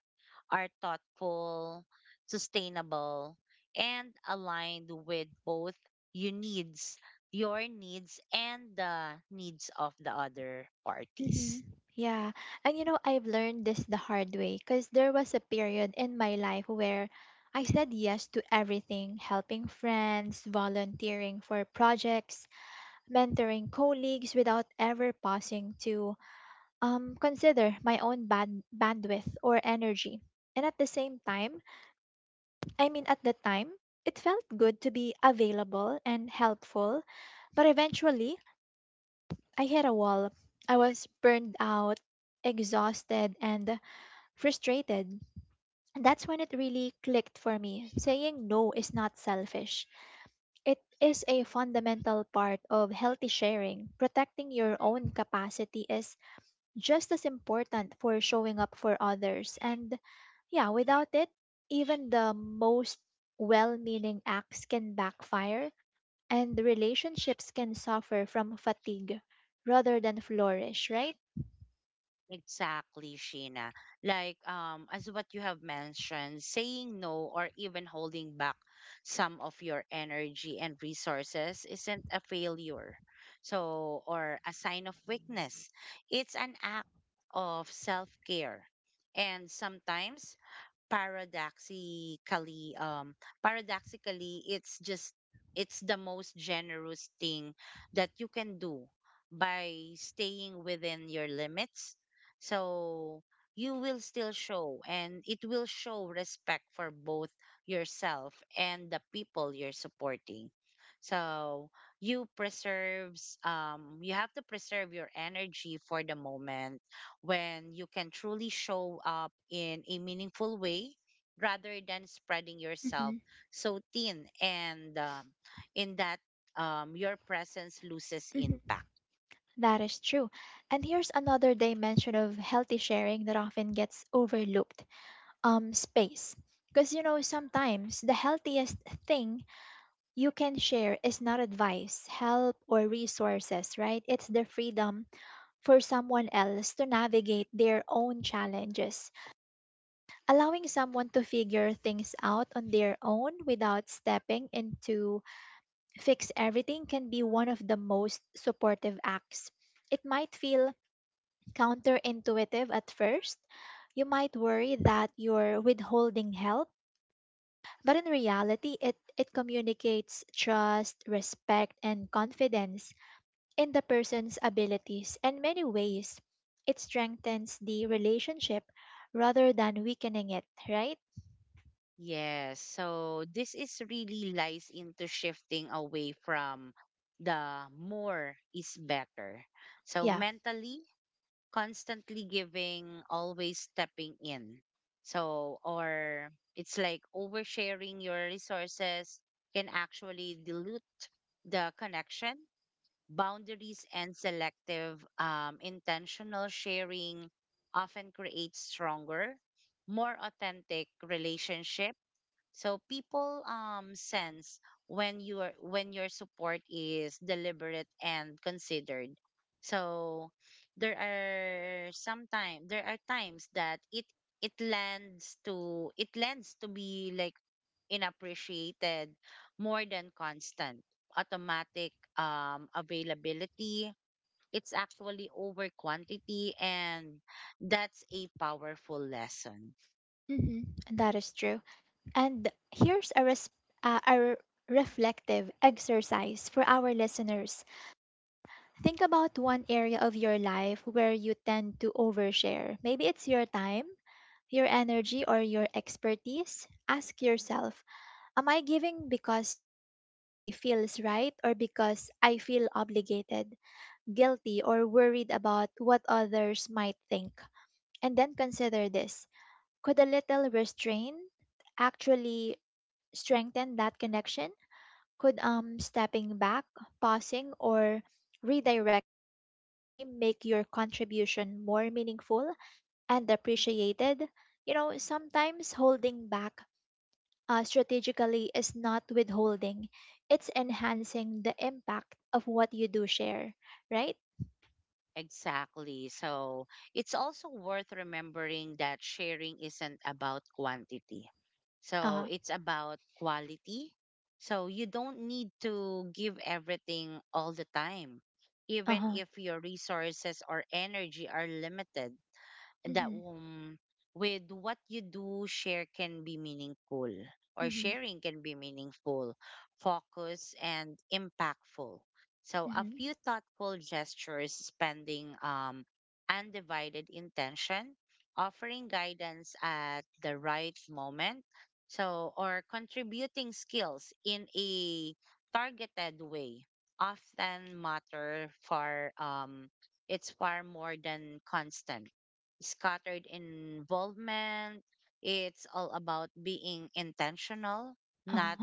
Speaker 2: are thoughtful, sustainable, and aligned with both your needs, your needs, and the needs of the other parties.
Speaker 1: Mm-hmm. Yeah. And you know, I've learned this the hard way because there was a period in my life where I said yes to everything, helping friends, volunteering for projects, mentoring colleagues without ever pausing to consider my own bandwidth or energy. And at the time, it felt good to be available and helpful, but eventually I hit a wall. I was burned out, exhausted, and frustrated. That's when it really clicked for me. Saying no is not selfish. It is a fundamental part of healthy sharing. Protecting your own capacity is just as important for showing up for others. And yeah, without it, even the most well meaning acts can backfire and the relationships can suffer from fatigue rather than flourish, right?
Speaker 2: Exactly, Sheena. Like, as what you have mentioned, saying no or even holding back some of your energy and resources isn't a failure. So, or a sign of weakness. It's an act of self-care. And sometimes paradoxically um paradoxically it's the most generous thing that you can do. By staying within your limits, so you will still show and it will show respect for both yourself and the people you're supporting. So you have to preserve your energy for the moment when you can truly show up in a meaningful way, rather than spreading yourself
Speaker 1: Hmm.
Speaker 2: so thin and, in that your presence loses impact.
Speaker 1: Hmm. That is true. And here's another dimension of healthy sharing that often gets overlooked, space. Because, you know, sometimes the healthiest thing you can share is not advice, help, or resources, right? It's the freedom for someone else to navigate their own challenges, allowing someone to figure things out on their own without stepping into fix everything can be one of the most supportive acts. It might feel counterintuitive at first. You might worry that you're withholding help, but in reality, it communicates trust, respect, and confidence in the person's abilities. In many ways it strengthens the relationship rather than weakening it, right?
Speaker 2: Yes, so this is really lies into shifting away from the more is better. So
Speaker 1: Yeah.
Speaker 2: mentally, constantly giving, always stepping in. So, or it's like oversharing your resources can actually dilute the connection. Boundaries and selective, intentional sharing often create stronger, more authentic relationship. So people sense when your support is deliberate and considered. So there are times that it lands to it lends to be like inappreciated more than constant automatic availability. It's actually over quantity and that's a powerful lesson.
Speaker 1: Hmm, that is true. And here's a reflective exercise for our listeners. Think about one area of your life where you tend to overshare, maybe it's your time, your energy, or your expertise. Ask yourself, am I giving because it genuinely feels right or because I feel obligated, guilty, or worried about what others might think. And then consider this, could a little restraint actually strengthen that connection? Could stepping back, pausing, or redirecting your energy make your contribution more meaningful and appreciated? You know, sometimes holding back strategically is not withholding, it's enhancing the impact of what you do share, right?
Speaker 2: Exactly. So it's also worth remembering that sharing isn't about quantity. So
Speaker 1: Uh,
Speaker 2: it's about quality. So you don't need to give everything all the time, even
Speaker 1: uh-huh.
Speaker 2: if your resources or energy are limited, that
Speaker 1: Mhm.
Speaker 2: with what you do share can be meaningful, or
Speaker 1: Hmm.
Speaker 2: sharing can be meaningful, focus and impactful. So a
Speaker 1: Hmm.
Speaker 2: few thoughtful gestures, spending undivided intention, offering guidance at the right moment, or contributing skills in a targeted way often matter for it's far more than constant scattered involvement. It's all about being intentional, not,
Speaker 1: Uh-huh.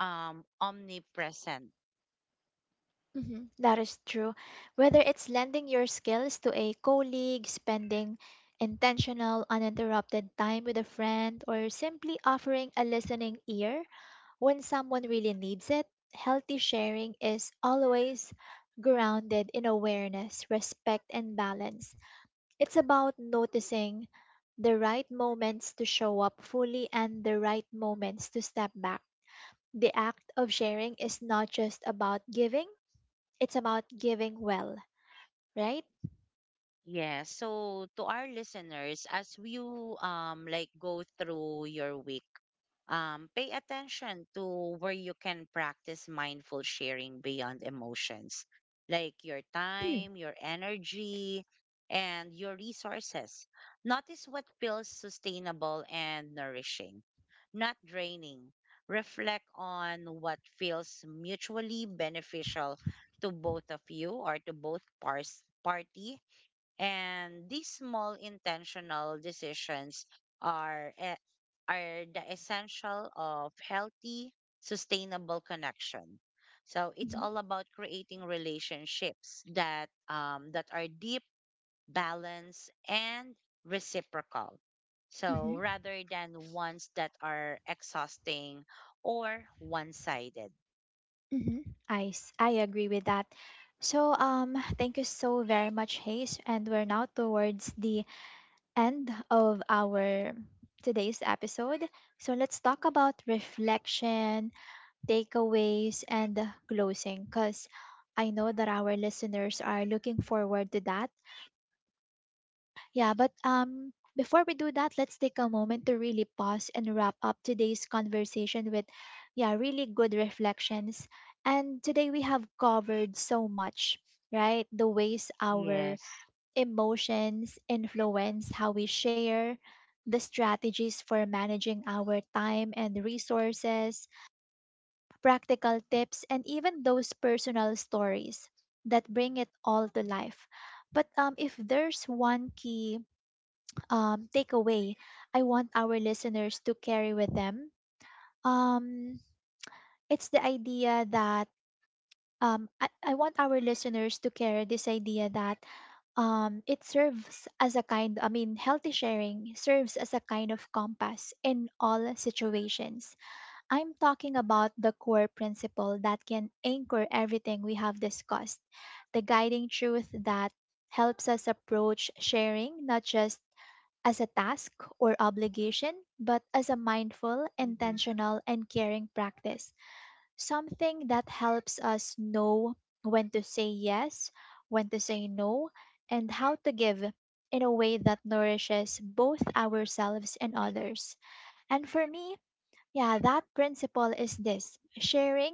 Speaker 2: omnipresent.
Speaker 1: Mhm, that is true. Whether it's lending your skills to a colleague, spending intentional, uninterrupted time with a friend, or simply offering a listening ear when someone really needs it, healthy sharing is always grounded in awareness, respect, and balance. It's about noticing the right moments to show up fully and the right moments to step back. The act of sharing is not just about giving, it's about giving well, right?
Speaker 2: Yeah. So to our listeners, as you like go through your week, pay attention to where you can practice mindful sharing beyond emotions, like your time, your energy, and your resources. Notice what feels sustainable and nourishing, not draining. Reflect on what feels mutually beneficial to both of you or to both parties, and these small intentional decisions are e- are the essential of healthy, sustainable connection. So it's
Speaker 1: Mm-hmm.
Speaker 2: all about creating relationships that, that are deep, balanced, and reciprocal. So
Speaker 1: Mm-hmm.
Speaker 2: rather than ones that are exhausting or one-sided.
Speaker 1: Mm-hmm. I agree with that. So, thank you so very much, Hayes. And we're now towards the end of our today's episode. So, let's talk about reflection, takeaways, and closing because I know that our listeners are looking forward to that. Yeah, but before we do that, let's take a moment to really pause and wrap up today's conversation with, yeah, really good reflections. And today we have covered so much, right? The ways our
Speaker 2: Yes.
Speaker 1: emotions influence how we share, the strategies for managing our time and resources, practical tips, and even those personal stories that bring it all to life. But if there's one key takeaway I want our listeners to carry with them. Um, it's the idea that I want our listeners to carry this idea that it serves as a kind, I mean, healthy sharing serves as a kind of compass in all situations. I'm talking about the core principle that can anchor everything we have discussed, the guiding truth that helps us approach sharing not just as a task or obligation, but as a mindful,
Speaker 2: Mhm.
Speaker 1: intentional, and caring practice. Something that helps us know when to say yes, when to say no, and how to give in a way that nourishes both ourselves and others. And for me, yeah, that principle is this: sharing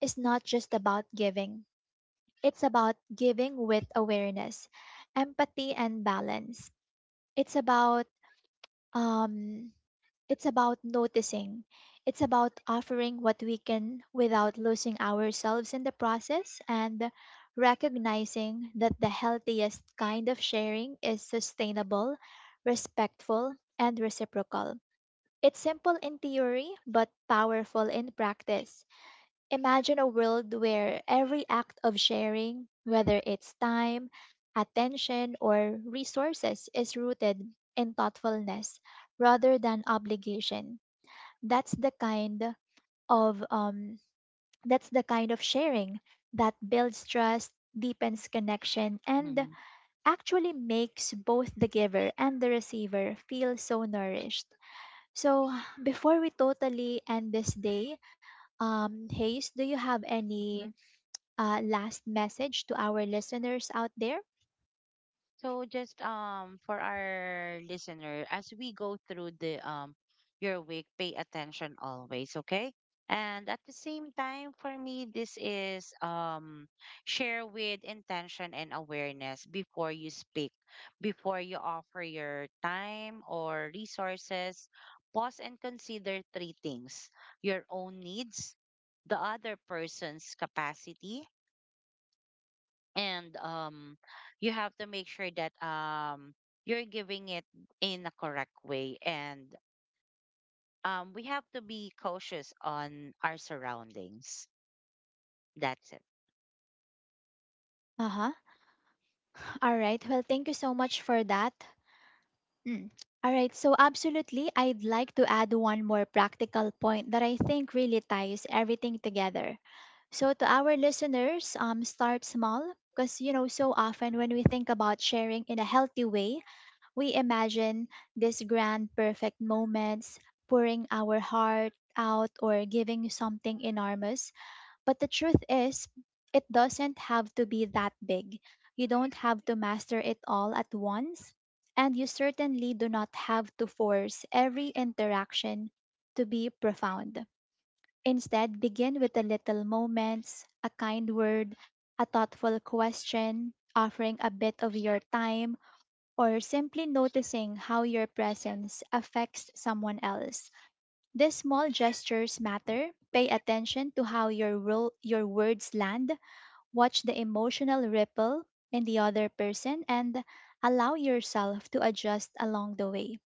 Speaker 1: is not just about giving, it's about giving with awareness, empathy, and balance. It's about, um, it's about noticing. It's about offering what we can without losing ourselves in the process and recognizing that the healthiest kind of sharing is sustainable, respectful, and reciprocal. It's simple in theory, but powerful in practice. Imagine a world where every act of sharing, whether it's time, attention, or resources, is rooted in thoughtfulness rather than obligation. That's the kind of um, that's the kind of sharing that builds trust, deepens connection, and
Speaker 2: Mhm.
Speaker 1: actually makes both the giver and the receiver feel so nourished. So before we totally end this day, Hayes, do you have any last message to our listeners out there?
Speaker 2: So just for our listener, as we go through the your week, pay attention always, okay? And at the same time, for me, this is share with intention and awareness before you speak, before you offer your time or resources. Pause and consider three things: your own needs, the other person's capacity, and you have to make sure that you're giving it in a correct way, and we have to be cautious on our surroundings. That's it.
Speaker 1: Uh huh. All right. Well, thank you so much for that. Mm. All right. So, absolutely, I'd like to add one more practical point that I think really ties everything together. So, to our listeners, start small because, you know, so often when we think about sharing in a healthy way, we imagine these grand, perfect moments, pouring our heart out or giving something enormous. But the truth is, it doesn't have to be that big. You don't have to master it all at once, and you certainly do not have to force every interaction to be profound. Instead, begin with the little moments, a kind word, a thoughtful question, offering a bit of your time, or simply noticing how your presence affects someone else. These small gestures matter. Pay attention to how your words land, watch the emotional ripple in the other person and allow yourself to adjust along the way.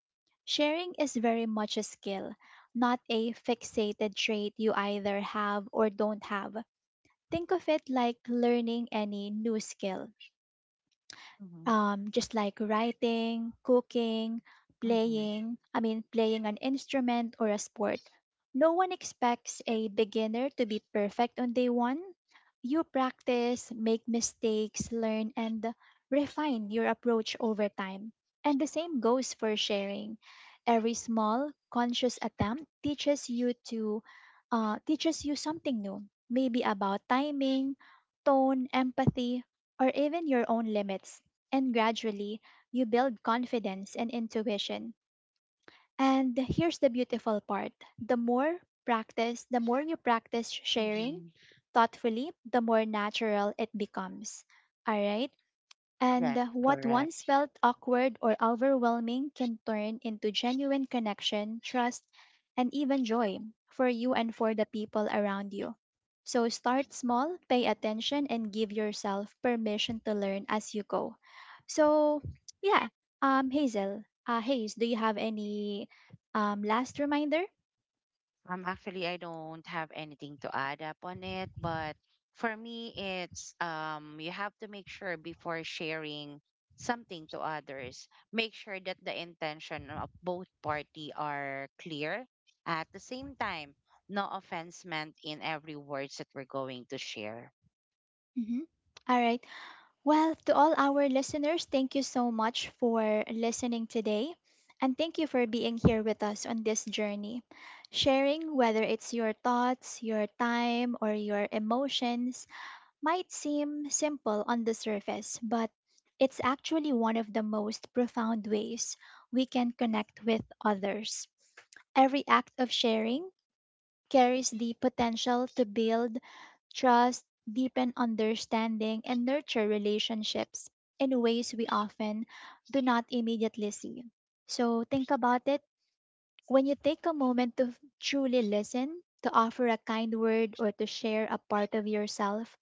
Speaker 1: Sharing is very much a skill, not a fixated trait you either have or don't have. Think of it like learning any new skill
Speaker 2: Mm-hmm.
Speaker 1: just like writing, cooking,
Speaker 2: Mm-hmm.
Speaker 1: playing an instrument or a sport. No one expects a beginner to be perfect on day one. You practice, make mistakes, learn, and refine your approach over time. And the same goes for sharing. Every small, conscious attempt teaches you something new, maybe about timing, tone, empathy, or even your own limits and gradually, you build confidence and intuition. And here's the beautiful part: the more the more you practice sharing
Speaker 2: Mm-hmm.
Speaker 1: thoughtfully, the more natural it becomes. All right. And
Speaker 2: That's
Speaker 1: what
Speaker 2: correct.
Speaker 1: once felt awkward or overwhelming can turn into genuine connection, trust, and even joy for you and for the people around you. So start small, pay attention, and give yourself permission to learn as you go. So, yeah, Hayes, do you have any last reminder?
Speaker 2: Actually, I don't have anything to add up on it, but for me, it's, you have to make sure before sharing something to others, make sure that the intention of both party are clear. At the same time, no offense meant in every words that we're going to share.
Speaker 1: Mm-hmm. All right. Well, to all our listeners, thank you so much for listening today. And thank you for being here with us on this journey, sharing whether it's your thoughts, your time, or your emotions might seem simple on the surface, but it's actually one of the most profound ways we can connect with others. Every act of sharing carries the potential to build trust, deepen understanding, and nurture relationships in ways we often do not immediately see. So think about it. When you take a moment to truly listen, to offer a kind word, or to share a part of yourself,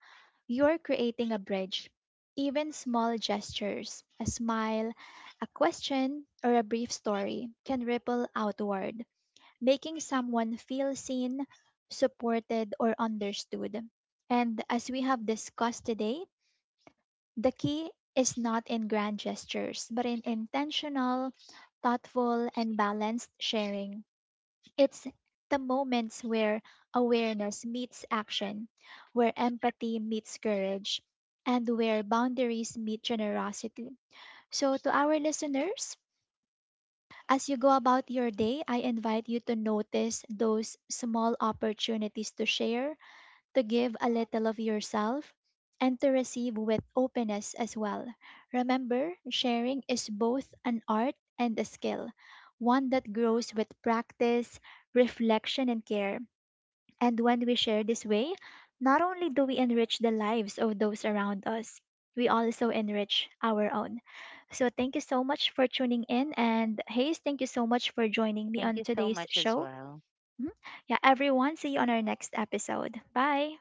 Speaker 1: you're creating a bridge. Even small gestures, a smile, a question, or a brief story can ripple outward making someone feel seen, supported, or understood. And as we have discussed today, the key is not in grand gestures, but in intentional, thoughtful, and balanced sharing. It's the moments where awareness meets action, where empathy meets courage, and where boundaries meet generosity. So, to our listeners, as you go about your day, I invite you to notice those small opportunities to share, to give a little of yourself, and to receive with openness as well. Remember, sharing is both an art and a skill, one that grows with practice, reflection, and care. And when we share this way, not only do we enrich the lives of those around us, we also enrich our own. So thank you so much for tuning in. And Hayes, thank you so much for joining me
Speaker 2: Thank
Speaker 1: on
Speaker 2: you so
Speaker 1: today's
Speaker 2: much as
Speaker 1: show.
Speaker 2: well.
Speaker 1: Mhm. Yeah, everyone, see you on our next episode. Bye.